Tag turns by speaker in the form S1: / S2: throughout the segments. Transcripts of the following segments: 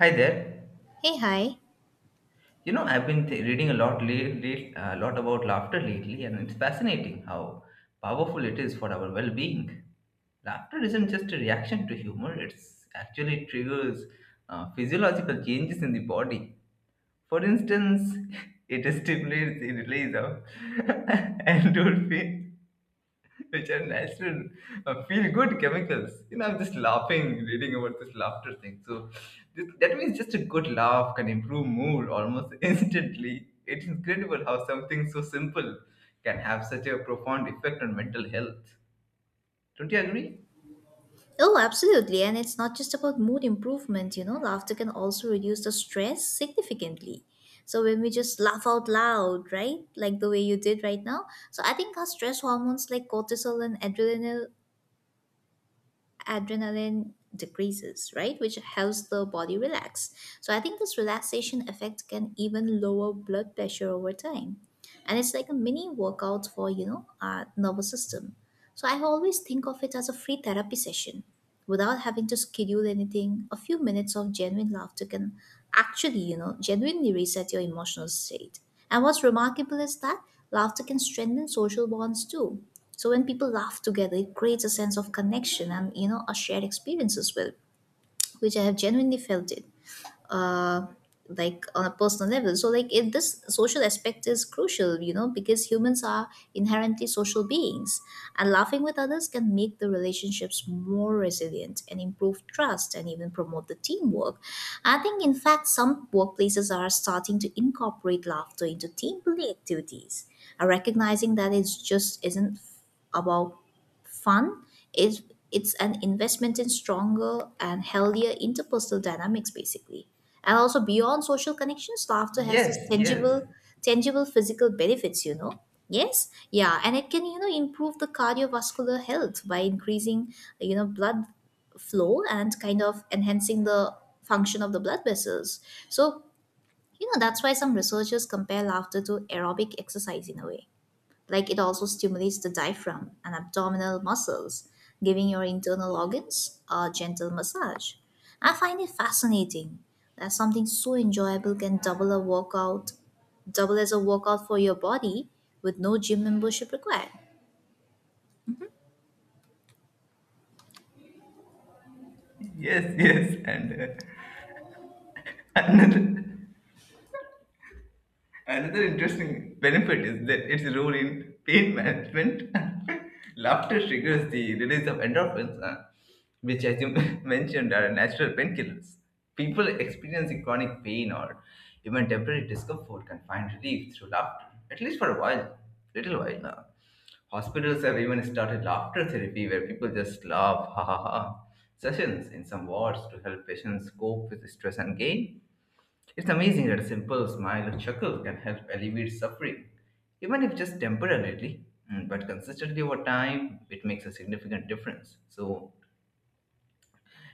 S1: Hi there.
S2: Hey, hi.
S1: I've been reading a lot, a lot about laughter lately, and it's fascinating how powerful it is for our well-being. Laughter isn't just a reaction to humor; it's actually triggers physiological changes in the body. For instance, it stimulates the release of endorphins which are natural feel good chemicals. I'm just laughing, reading about this laughter thing. So that means just a good laugh can improve mood almost instantly. It's incredible how something so simple can have such a profound effect on mental health. Don't you agree?
S2: Oh, absolutely. And it's not just about mood improvement, you know, laughter can also reduce the stress significantly. So when we just laugh out loud, right? Like the way you did right now. So I think our stress hormones like cortisol and adrenaline decreases, right? Which helps the body relax. So I think this relaxation effect can even lower blood pressure over time. And it's like a mini workout for, you know, our nervous system. So I always think of it as a free therapy session without having to schedule anything. A few minutes of genuine laughter can actually, you know, genuinely reset your emotional state. And what's remarkable is that laughter can strengthen social bonds too. So when people laugh together, it creates a sense of connection and, you know, a shared experience as well, which I have genuinely felt it uh, like on a personal level. So like this social aspect is crucial, you know, because humans are inherently social beings, and laughing with others can make the relationships more resilient and improve trust and even promote the teamwork. I think, in fact, some workplaces are starting to incorporate laughter into team building activities and recognizing that it's just isn't about fund is it's an investment in stronger and healthier interpersonal dynamics basically. And also beyond social connections, laughter has this
S1: Yes, yes,
S2: tangible physical benefits, you know. Yes, yeah, and it can, you know, improve the cardiovascular health by increasing, you know, blood flow and kind of enhancing the function of the blood vessels. So, you know, that's why some researchers compare laughter to aerobic exercise in a way. Like, it also stimulates the diaphragm and abdominal muscles, giving your internal organs a gentle massage. I find it fascinating that something so enjoyable can double as a workout for your body with no gym membership required.
S1: yes, yes, and another. Another interesting benefit is that its role in pain management. Laughter triggers the release of endorphins, which, as you mentioned, are natural painkillers. People experiencing chronic pain or even temporary discomfort can find relief through laughter, at least for a while, little while. Hospitals have even started laughter therapy where people just laugh, ha ha ha, sessions in some wards to help patients cope with stress and gain. It's amazing that a simple smile or chuckle can help alleviate suffering, even if just temporarily. But consistently over time, it makes a significant difference. So,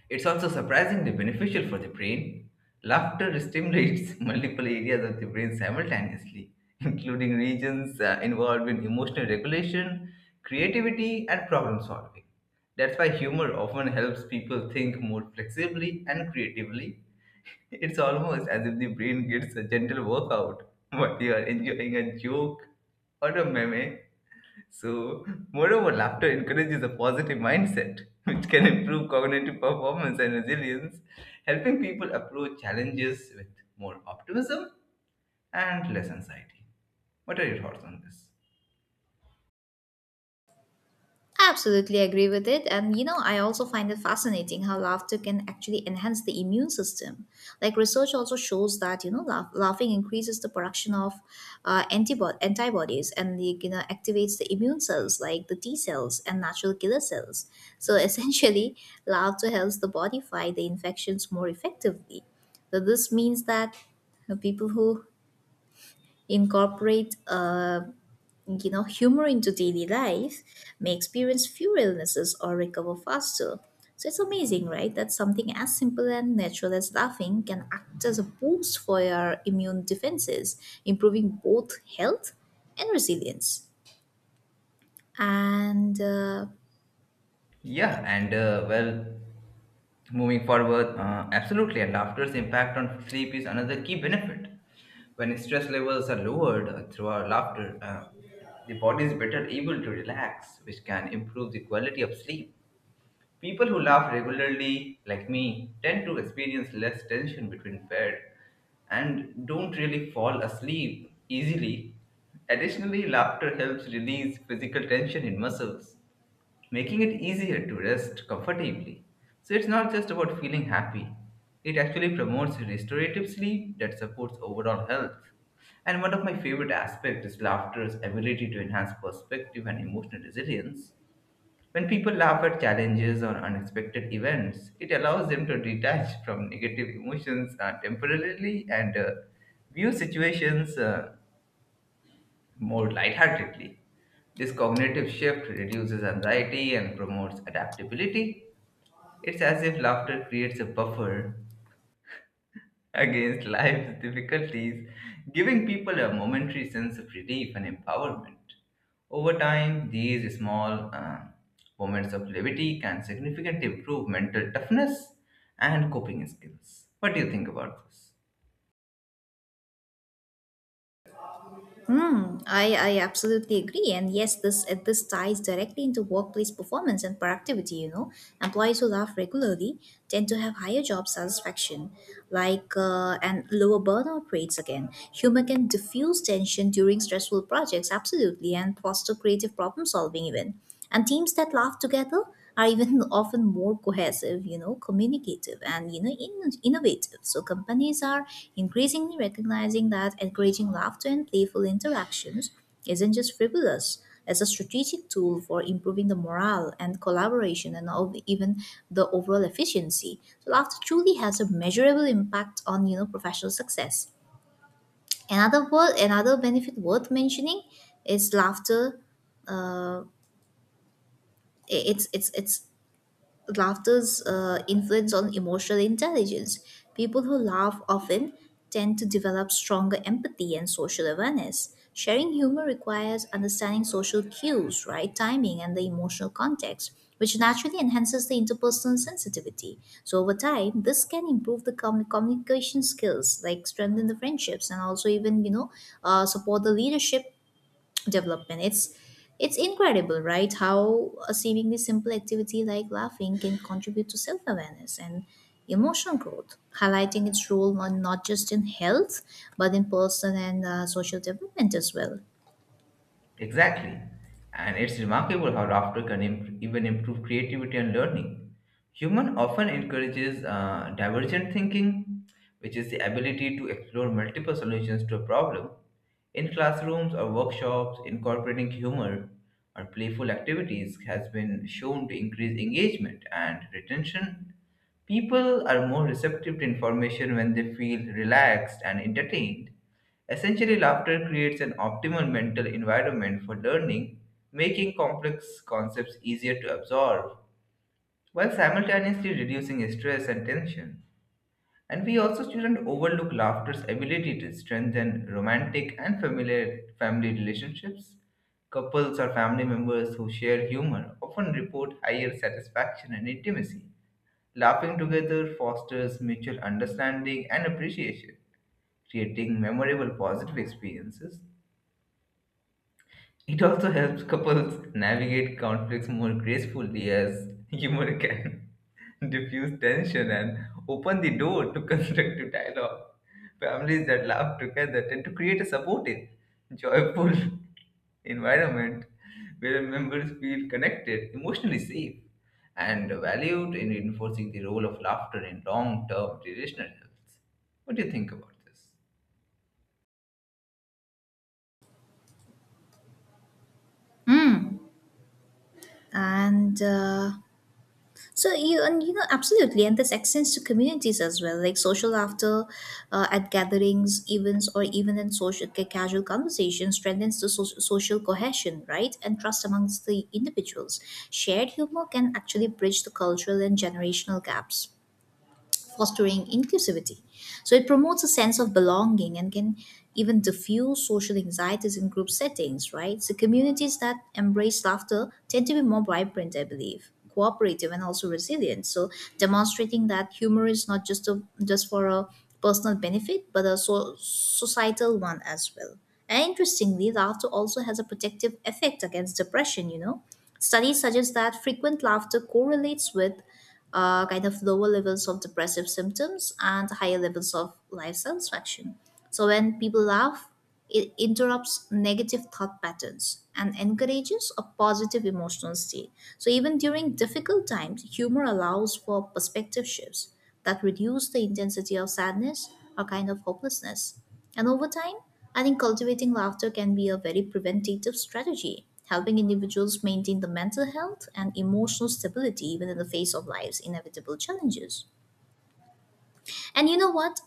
S1: it's also surprisingly beneficial for the brain. Laughter stimulates multiple areas of the brain simultaneously, including regions involved in emotional regulation, creativity, and problem solving. That's why humor often helps people think more flexibly and creatively. It's almost as if the brain gets a gentle workout while you are enjoying a joke or a meme so, moreover, laughter encourages a positive mindset, which can improve cognitive performance and resilience, helping people approach challenges with more optimism and less anxiety. What are your thoughts on this?
S2: Absolutely agree with it. And you know, I also find it fascinating how laughter can actually enhance the immune system. Like, research also shows that, you know, laughing increases the production of antibodies, and the, you know, activates the immune cells like the T cells and natural killer cells. So essentially, laughter helps the body fight the infections more effectively. So this means that people who incorporate you know, humor into daily life may experience fewer illnesses or recover faster. So it's amazing, right? That something as simple and natural as laughing can act as a boost for your immune defenses, improving both health and resilience. And
S1: Yeah, and well, moving forward, absolutely, and laughter's impact on sleep is another key benefit. When stress levels are lowered through our laughter, the body is better able to relax, which can improve the quality of sleep. People who laugh regularly, like me, tend to experience less tension between bed and don't really fall asleep easily. Additionally, laughter helps release physical tension in muscles, making it easier to rest comfortably. So it's not just about feeling happy. It actually promotes restorative sleep that supports overall health. And one of my favorite aspects is laughter's ability to enhance perspective and emotional resilience. When people laugh at challenges or unexpected events, it allows them to detach from negative emotions temporarily and view situations more lightheartedly. This cognitive shift reduces anxiety and promotes adaptability. It's as if laughter creates a buffer against life's difficulties, giving people a momentary sense of relief and empowerment. Over time, these small moments of levity can significantly improve mental toughness and coping skills. What do you think about this?
S2: I absolutely agree. And yes, this ties directly into workplace performance and productivity, you know. Employees who laugh regularly tend to have higher job satisfaction, like and lower burnout rates again. Humor can diffuse tension during stressful projects, absolutely, and foster creative problem solving even. And teams that laugh together are even often more cohesive, you know, communicative, and, you know, innovative. So companies are increasingly recognizing that encouraging laughter and playful interactions isn't just frivolous. It's a strategic tool for improving the morale and collaboration and all, even the overall efficiency. So laughter truly has a measurable impact on, you know, professional success. Another benefit worth mentioning is laughter uh, I- it's laughter's influence on emotional intelligence. People who laugh often tend to develop stronger empathy and social awareness. Sharing humor requires understanding social cues, right timing, and the emotional context, which naturally enhances the interpersonal sensitivity. So, over time, this can improve the communication skills, like strengthen the friendships, and also even, you know, support the leadership development. It's incredible, right? How a seemingly simple activity like laughing can contribute to self awareness and emotional growth, highlighting its role not just in health, but in personal and social development as well.
S1: Exactly. And it's remarkable how laughter can even improve creativity and learning. Human often encourages divergent thinking, which is the ability to explore multiple solutions to a problem. In classrooms or workshops, incorporating humor or playful activities has been shown to increase engagement and retention. People are more receptive to information when they feel relaxed and entertained. Essentially, laughter creates an optimal mental environment for learning, making complex concepts easier to absorb, while simultaneously reducing stress and tension. And we also shouldn't overlook laughter's ability to strengthen romantic and familiar family relationships. Couples or family members who share humor often report higher satisfaction and intimacy. Laughing together fosters mutual understanding and appreciation, creating memorable positive experiences. It also helps couples navigate conflicts more gracefully as humor can diffuse tension and open the door to constructive dialogue. Families that laugh together tend to create a supportive, joyful environment where members feel connected, emotionally safe, and valued in reinforcing the role of laughter in long term relational health. What do you think about this?
S2: And so you and you know absolutely, and this extends to communities as well, like social laughter at gatherings, events, or even in social casual conversations, strengthens the social cohesion, right, and trust amongst the individuals. Shared humor can actually bridge the cultural and generational gaps, fostering inclusivity. So it promotes a sense of belonging and can even diffuse social anxieties in group settings, right? So communities that embrace laughter tend to be more vibrant, I believe, cooperative and also resilient. So, demonstrating that humor is not just for a personal benefit, but a societal one as well. And interestingly, laughter also has a protective effect against depression, you know. Studies suggest that frequent laughter correlates with kind of lower levels of depressive symptoms and higher levels of life satisfaction. So when people laugh, it interrupts negative thought patterns and encourages a positive emotional state. So even during difficult times, humor allows for perspective shifts that reduce the intensity of sadness or kind of hopelessness. And over time, I think cultivating laughter can be a very preventative strategy, helping individuals maintain the mental health and emotional stability even in the face of life's inevitable challenges. And you know what?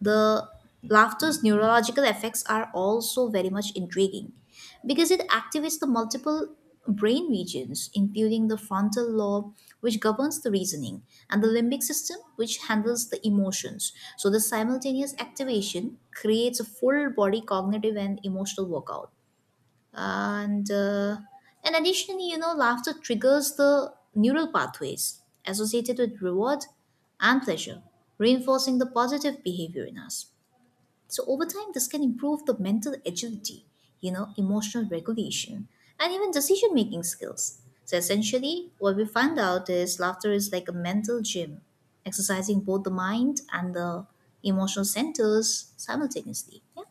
S2: The laughter's neurological effects are also very much intriguing because it activates the multiple brain regions, including the frontal lobe, which governs the reasoning, and the limbic system, which handles the emotions. So, the simultaneous activation creates a full body cognitive and emotional workout. And uh, and additionally, you know, laughter triggers the neural pathways associated with reward and pleasure, reinforcing the positive behavior in us. So over time, this can improve the mental agility, you know, emotional regulation, and even decision making skills. So essentially, what we found out is laughter is like a mental gym, exercising both the mind and the emotional centers simultaneously. Yeah.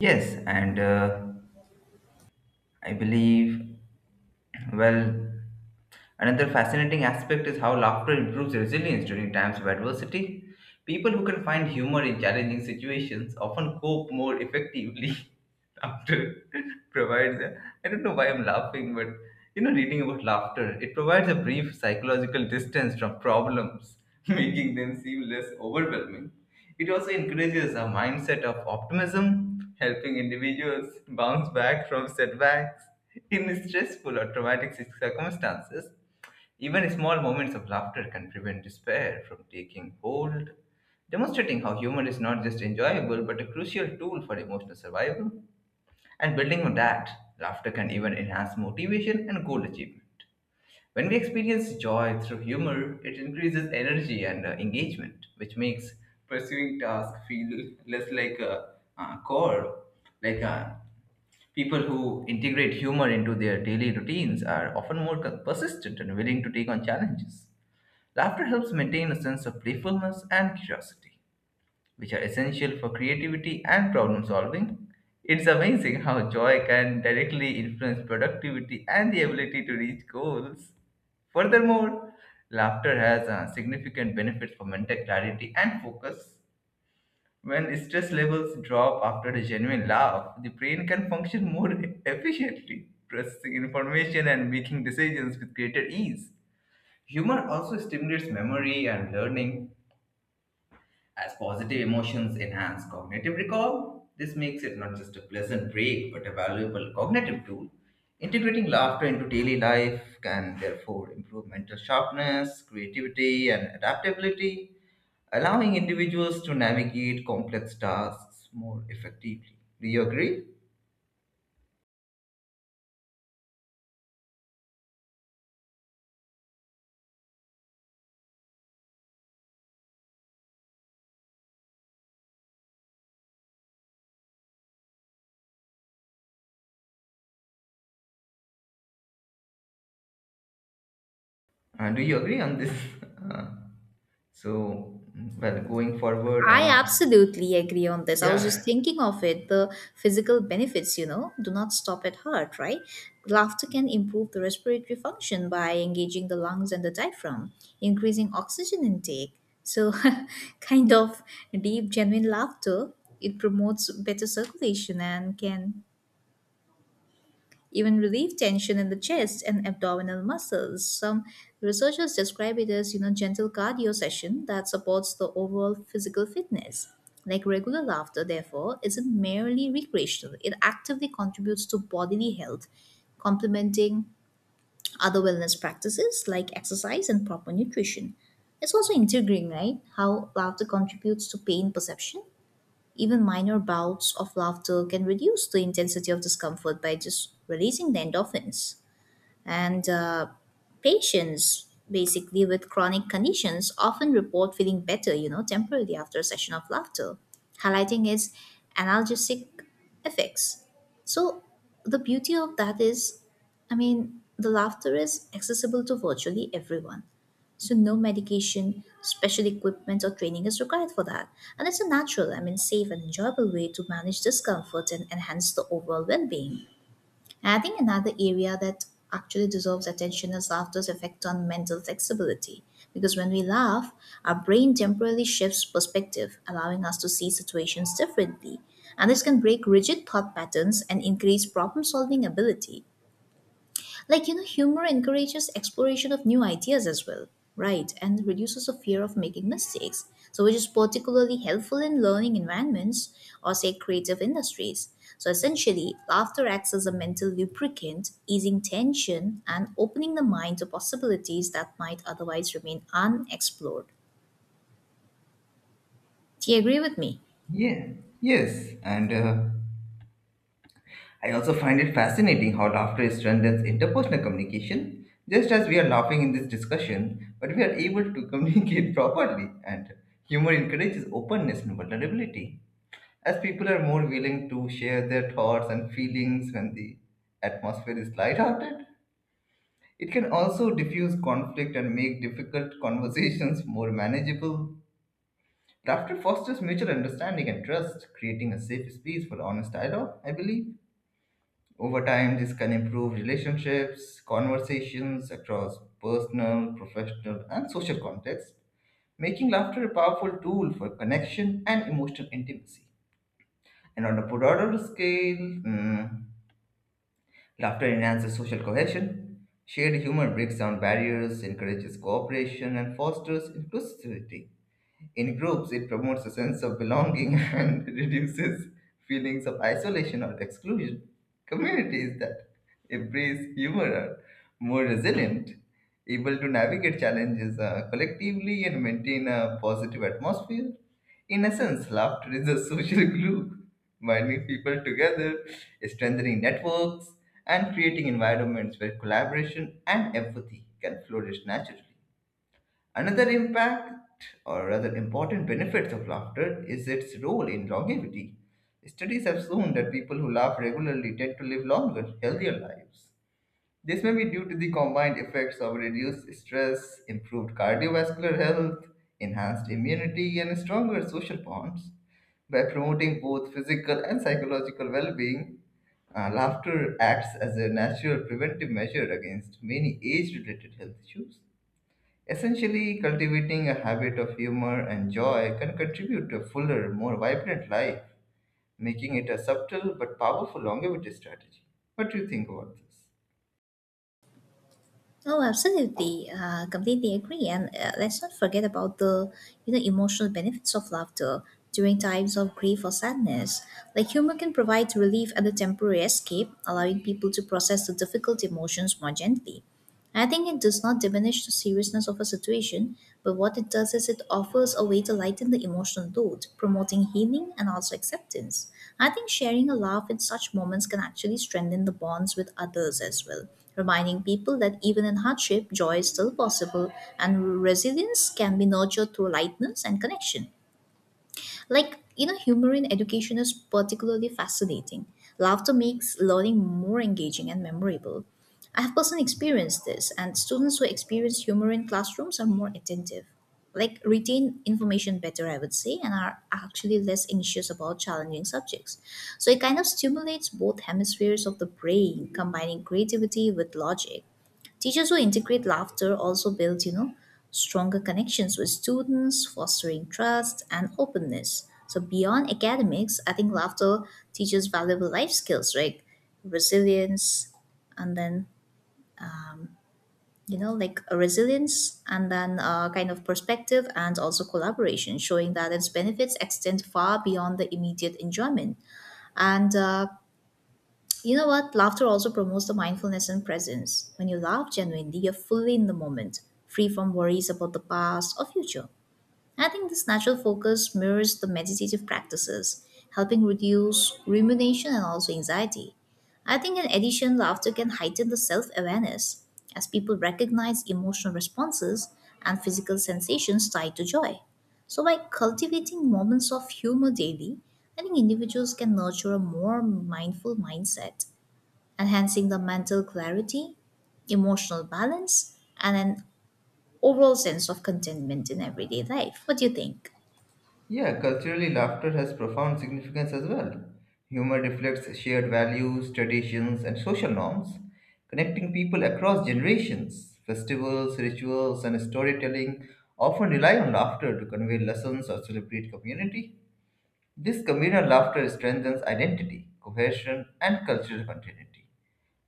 S1: Yes, and I believe, well, another fascinating aspect is how laughter improves resilience during times of adversity. People who can find humor in challenging situations often cope more effectively. After provides I don't know why I'm laughing, but reading about laughter, it provides a brief psychological distance from problems, making them seem less overwhelming. It also encourages a mindset of optimism, helping individuals bounce back from setbacks in stressful or traumatic circumstances. Even small moments of laughter can prevent despair from taking hold, demonstrating how humor is not just enjoyable but a crucial tool for emotional survival. And building on that, laughter can even enhance motivation and goal achievement. When we experience joy through humor, it increases energy and engagement, which makes pursuing tasks feel less like a chore. Like uh, People who integrate humor into their daily routines are often more persistent and willing to take on challenges. Laughter helps maintain a sense of playfulness and curiosity, which are essential for creativity and problem solving. It's amazing how joy can directly influence productivity and the ability to reach goals. Furthermore, laughter has significant benefits for mental clarity and focus. When stress levels drop after a genuine laugh, the brain can function more efficiently, processing information and making decisions with greater ease. Humor also stimulates memory and learning, as positive emotions enhance cognitive recall. This makes it not just a pleasant break but a valuable cognitive tool. Integrating laughter into daily life can therefore improve mental sharpness, creativity, and adaptability, allowing individuals to navigate complex tasks more effectively. Do you agree? Do you agree on this? Uh, so, well, going forward,
S2: I absolutely agree on this. I was just
S1: yeah,
S2: thinking of it. The physical benefits, you know, do not stop at heart, right? Laughter can improve the respiratory function by engaging the lungs and the diaphragm, increasing oxygen intake. So, kind of deep, genuine laughter, it promotes better circulation and can even relieve tension in the chest and abdominal muscles. Some researchers describe it as, you know, gentle cardio session that supports the overall physical fitness. Like, regular laughter, therefore, isn't merely recreational. It actively contributes to bodily health, complementing other wellness practices like exercise and proper nutrition. It's also intriguing, right? How laughter contributes to pain perception. Even minor bouts of laughter can reduce the intensity of discomfort by just releasing the endorphins. And patients, basically with chronic conditions, often report feeling better, you know, temporarily after a session of laughter, highlighting its analgesic effects. So, the beauty of that is, I mean, the laughter is accessible to virtually everyone. So, no medication, special equipment, or training is required for that. And it's a natural, I mean, safe and enjoyable way to manage discomfort and enhance the overall well being. I think another area that actually deserves attention is laughter's effect on mental flexibility. Because when we laugh, our brain temporarily shifts perspective, allowing us to see situations differently. And this can break rigid thought patterns and increase problem solving ability. Like, you know, humor encourages exploration of new ideas as well, right? And reduces the fear of making mistakes. So, which is particularly helpful in learning environments or, say, creative industries. So, essentially, laughter acts as a mental lubricant, easing tension and opening the mind to possibilities that might otherwise remain unexplored. Do you agree with me?
S1: yeah, yes, and I also find it fascinating how laughter strengthens interpersonal communication. Just as we are laughing in this discussion, but we are able to communicate properly, and humor encourages openness and vulnerability. As people are more willing to share their thoughts and feelings when the atmosphere is lighthearted, it can also diffuse conflict and make difficult conversations more manageable. Laughter fosters mutual understanding and trust, creating a safe space for honest dialogue, I believe. Over time, this can improve relationships, conversations across personal, professional, and social contexts, making laughter a powerful tool for connection and emotional intimacy. And on a broader scale, laughter enhances social cohesion. Shared humor breaks down barriers, encourages cooperation, and fosters inclusivity. In groups, it promotes a sense of belonging and reduces feelings of isolation or exclusion. Communities that embrace humor are more resilient, able to navigate challenges collectively and maintain a positive atmosphere. In essence, laughter is a social glue, binding people together, strengthening networks, and creating environments where collaboration and empathy can flourish naturally. Another impact, or rather important benefits of laughter, is its role in longevity. Studies have shown that people who laugh regularly tend to live longer, healthier lives. This may be due to the combined effects of reduced stress, improved cardiovascular health, enhanced immunity, and stronger social bonds. By promoting both physical and psychological well being, laughter acts as a natural preventive measure against many age related health issues. Essentially, cultivating a habit of humor and joy can contribute to a fuller, more vibrant life, making it a subtle but powerful longevity strategy. What do you think about this?
S2: Oh, absolutely. Completely agree. And let's not forget about the, you know, emotional benefits of laughter during times of grief or sadness. Like, humor can provide relief and a temporary escape, allowing people to process the difficult emotions more gently. I think it does not diminish the seriousness of a situation, but what it does is it offers a way to lighten the emotional load, promoting healing and also acceptance. I think sharing a laugh in such moments can actually strengthen the bonds with others as well, reminding people that even in hardship, joy is still possible and resilience can be nurtured through lightness and connection. Like, you know, humor in education is particularly fascinating. Laughter makes learning more engaging and memorable. I have personally experienced this, and students who experience humor in classrooms are more attentive, like, retain information better, I would say, and are actually less anxious about challenging subjects. So it kind of stimulates both hemispheres of the brain, combining creativity with logic. Teachers who integrate laughter also build, you know, stronger connections with students, fostering trust and openness. So beyond academics, I think laughter teaches valuable life skills, right? Resilience, and then you know, like a resilience, and then kind of perspective, and also collaboration, showing that its benefits extend far beyond the immediate enjoyment. And You know what? Laughter also promotes the mindfulness and presence. When you laugh genuinely, you're fully in the moment, free from worries about the past or future. I think this natural focus mirrors the meditative practices, helping reduce rumination and also anxiety. I think, in addition, laughter can heighten the self awareness as people recognize emotional responses and physical sensations tied to joy. So, by cultivating moments of humor daily, I think individuals can nurture a more mindful mindset enhancing the mental clarity, emotional balance, and an overall sense of contentment in everyday life. What do you think?
S1: Yeah, culturally, laughter has profound significance as well. Humor reflects shared values, traditions, and social norms, connecting people across generations. Festivals, rituals, and storytelling often rely on laughter to convey lessons or celebrate community. This communal laughter strengthens identity, cohesion, and cultural continuity.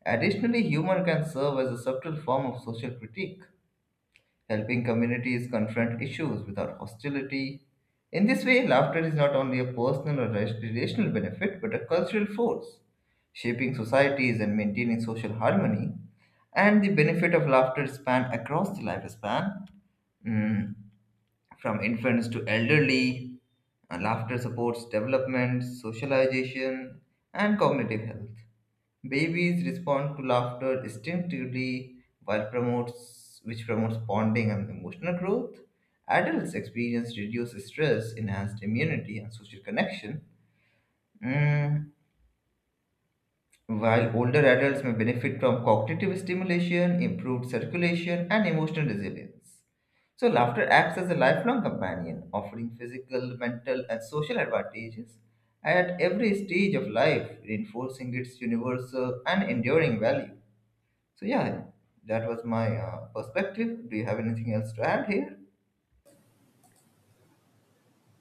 S1: Additionally, humor can serve as a subtle form of social critique, helping communities confront issues without hostility. In this way, laughter is not only a personal or relational benefit but a cultural force, shaping societies and maintaining social harmony. And the benefit of laughter span across the lifespan, mm, from infants to elderly, and laughter supports development, socialization, and cognitive health. Babies respond to laughter instinctively, while promotes which promotes bonding and emotional growth. Adults experience reduced stress, enhanced immunity, and social connection. Mm, While older adults may benefit from cognitive stimulation, improved circulation, and emotional resilience. So, laughter acts as a lifelong companion, offering physical, mental, and social advantages at every stage of life, reinforcing its universal and enduring value. So, yeah, that was my perspective. Do you have anything else to add here?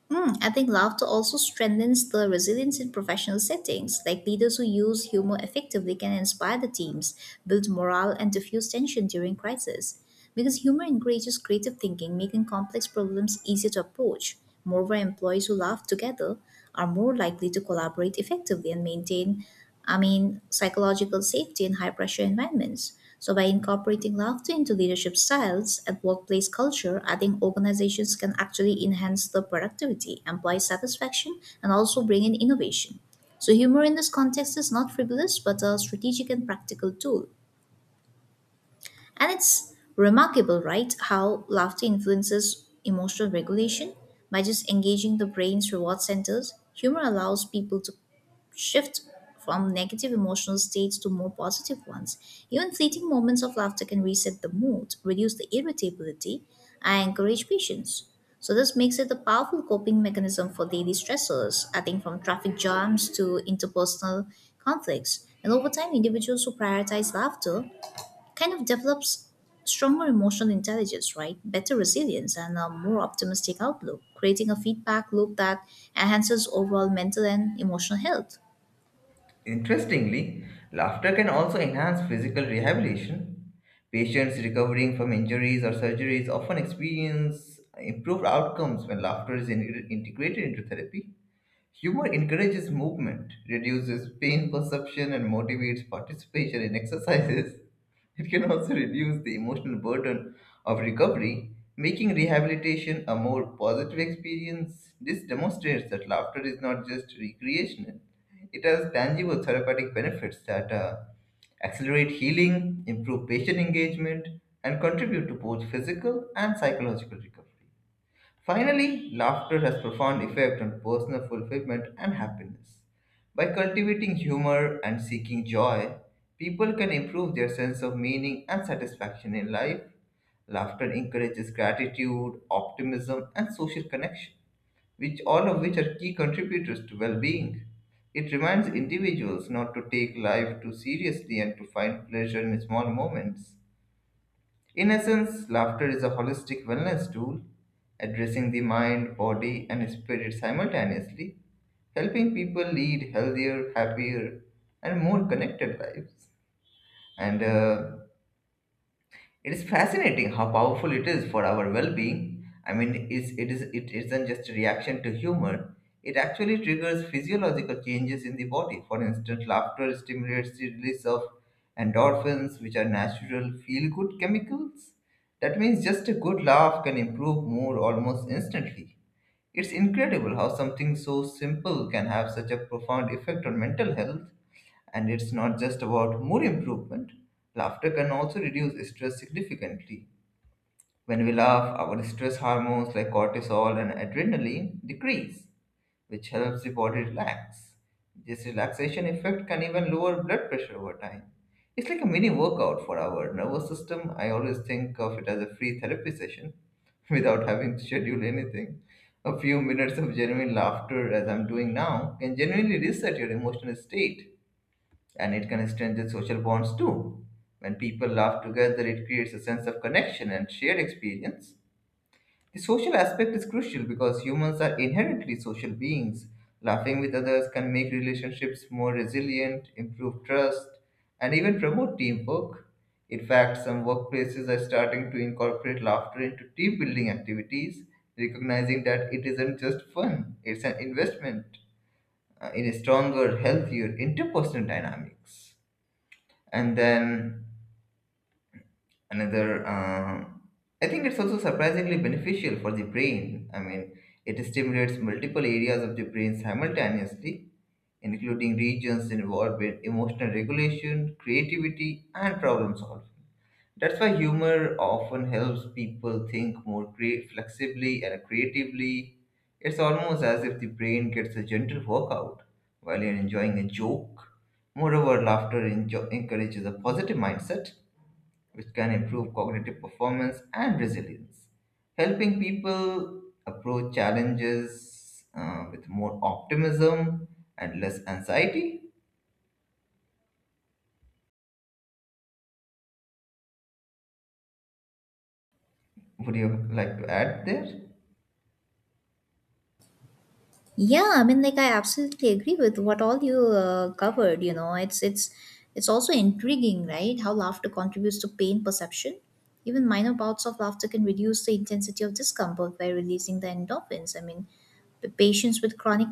S2: Mm, I think laughter also strengthens the resilience in professional settings. Like leaders who use humor effectively can inspire the teams, build morale, and diffuse tension during crisis. Because humor encourages creative thinking, making complex problems easier to approach. Moreover, employees who laugh together are more likely to collaborate effectively and maintain, I mean, psychological safety in high pressure environments. So, by incorporating laughter into leadership styles and workplace culture, I think organizations can actually enhance the productivity, employee satisfaction, and also bring in innovation. So, humor in this context is not frivolous but a strategic and practical tool. And it's remarkable, right, how laughter influences emotional regulation. By just engaging the brain's reward centers, humor allows people to shift from negative emotional states to more positive ones. Even fleeting moments of laughter can reset the mood, reduce the irritability, and encourage patience. So, this makes it a powerful coping mechanism for daily stressors, I think from traffic jams to interpersonal conflicts. And over time, individuals who prioritize laughter kind of develops stronger emotional intelligence, right? Better resilience and a more optimistic outlook, creating a feedback loop that enhances overall mental and emotional health.
S1: Interestingly, laughter can also enhance physical rehabilitation. Patients recovering from injuries or surgeries often experience improved outcomes when laughter is integrated into therapy. Humor encourages movement, reduces pain perception, and motivates participation in exercises. It can also reduce the emotional burden of recovery, making rehabilitation a more positive experience. This demonstrates that laughter is not just recreational, it has tangible therapeutic benefits that accelerate healing, improve patient engagement, and contribute to both physical and psychological recovery. Finally, laughter has profound effect on personal fulfillment and happiness. By cultivating humor and seeking joy, people can improve their sense of meaning and satisfaction in life. Laughter encourages gratitude, optimism, and social connection, which all of which are key contributors to well-being. It reminds individuals not to take life too seriously and to find pleasure in small moments. In essence, laughter is a holistic wellness tool, addressing the mind, body, and spirit simultaneously, helping people lead healthier, happier, and more connected lives. And It is fascinating how powerful it is for our well-being. I mean, it's, it is it isn't just a reaction to humor. It actually triggers physiological changes in the body. For instance, laughter stimulates the release of endorphins, which are natural feel-good chemicals. That means just a good laugh can improve mood almost instantly. It's incredible how something so simple can have such a profound effect on mental health. And it's not just about mood improvement. Laughter can also reduce stress significantly. When we laugh, our stress hormones like cortisol and adrenaline decrease, which helps the body relax. This relaxation effect can even lower blood pressure over time. It's like a mini workout for our nervous system. I always think of it as a free therapy session without having to schedule anything. A few minutes of genuine laughter, as I'm doing now, can genuinely reset your emotional state, and it can strengthen social bonds too. When people laugh together, it creates a sense of connection and shared experience. The social aspect is crucial because humans are inherently social beings. Laughing with others can make relationships more resilient, improve trust, and even promote teamwork. In fact, some workplaces are starting to incorporate laughter into team building activities, recognizing that it isn't just fun, it's an investment in a stronger, healthier interpersonal dynamics. And then another I think it's also surprisingly beneficial for the brain. I mean, it stimulates multiple areas of the brain simultaneously, including regions involved with emotional regulation, creativity, and problem solving. That's why humor often helps people think flexibly and creatively. It's almost as if the brain gets a gentle workout while you're enjoying a joke. Moreover, encourages a positive mindset, which can improve cognitive performance and resilience, helping people approach challenges with more optimism and less anxiety. Would you like to add there?
S2: Yeah, I mean, like I absolutely agree with what all you covered. You know, it's also intriguing, right? How laughter contributes to pain perception. Even minor bouts of laughter can reduce the intensity of discomfort by releasing the endorphins. I mean, the patients with chronic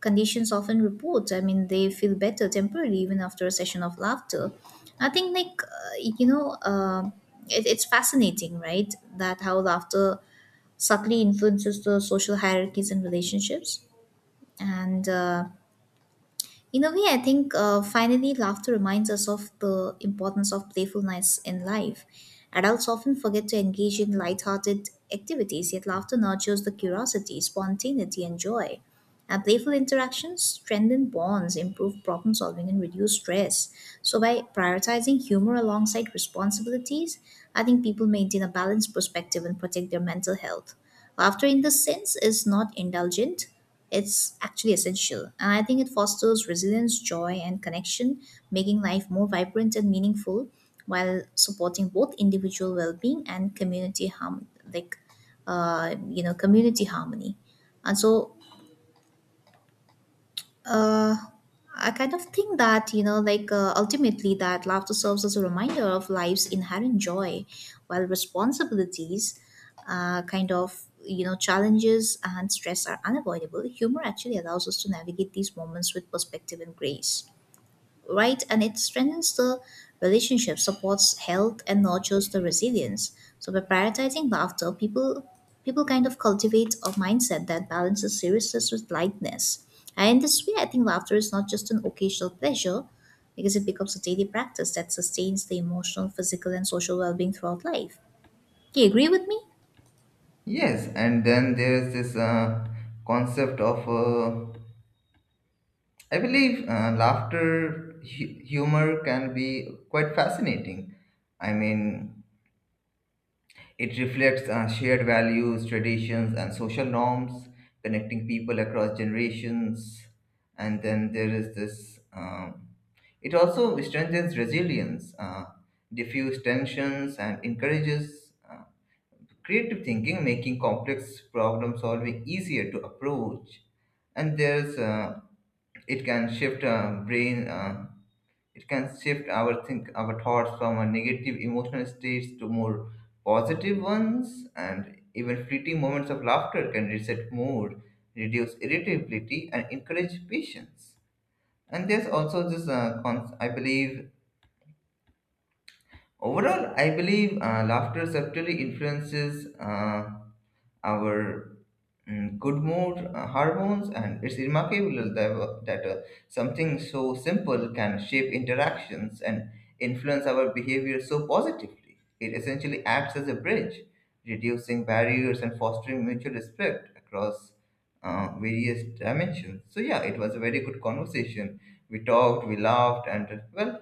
S2: conditions often report. I mean, they feel better temporarily even after a session of laughter. I think, like it's fascinating, right? That how laughter subtly influences the social hierarchies and relationships and in a way, I think finally, laughter reminds us of the importance of playfulness in life. Adults often forget to engage in lighthearted activities, yet, laughter nurtures the curiosity, spontaneity, and joy. And playful interactions strengthen bonds, improve problem solving, and reduce stress. So, by prioritizing humor alongside responsibilities, I think people maintain a balanced perspective and protect their mental health. Laughter, in this sense, is not indulgent it's actually essential, and I think it fosters resilience, joy, and connection, making life more vibrant and meaningful while supporting both individual well-being and community harm, like community harmony. And so uh, I kind of think that, you know, like ultimately that laughter serves as a reminder of life's inherent joy, while responsibilities, kind of, you know, challenges and stress are unavoidable. Humor actually allows us to navigate these moments with perspective and grace right? And it strengthens the relationship, supports health, and nurtures the resilience. So by prioritizing laughter, people kind of cultivate a mindset that balances seriousness with lightness. And in this way, I think laughter is not just an occasional pleasure, because it becomes a daily practice that sustains the emotional, physical, and social well-being throughout life. Do you agree with me?
S1: Yes, and then there's this concept of laughter. Humor can be quite fascinating. I mean, it reflects shared values, traditions, and social norms, connecting people across generations. And then there is this. It also strengthens resilience, diffuse tensions, and encourages creative thinking, making complex problem solving easier to approach. And there's it can shift brain. It can shift our thoughts from a negative emotional states to more positive ones, and even fleeting moments of laughter can reset mood, reduce irritability, and encourage patience. And there's also this cons- I believe overall I believe laughter subtly influences our good mood hormones, and it's remarkable that something so simple can shape interactions and influence our behavior so positively. It essentially acts as a bridge, reducing barriers and fostering mutual respect across various dimensions. So yeah, it was a very good conversation. We talked, we laughed, and well,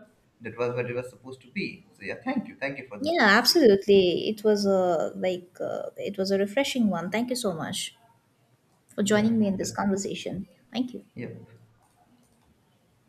S1: that was what it was supposed to be. So yeah, thank you for this
S2: Yeah,
S1: conversation.
S2: absolutely. It was a like it was a refreshing one. Thank you so much for
S1: yeah
S2: joining me in this
S1: that's,
S2: conversation. Thank you.
S1: yeah.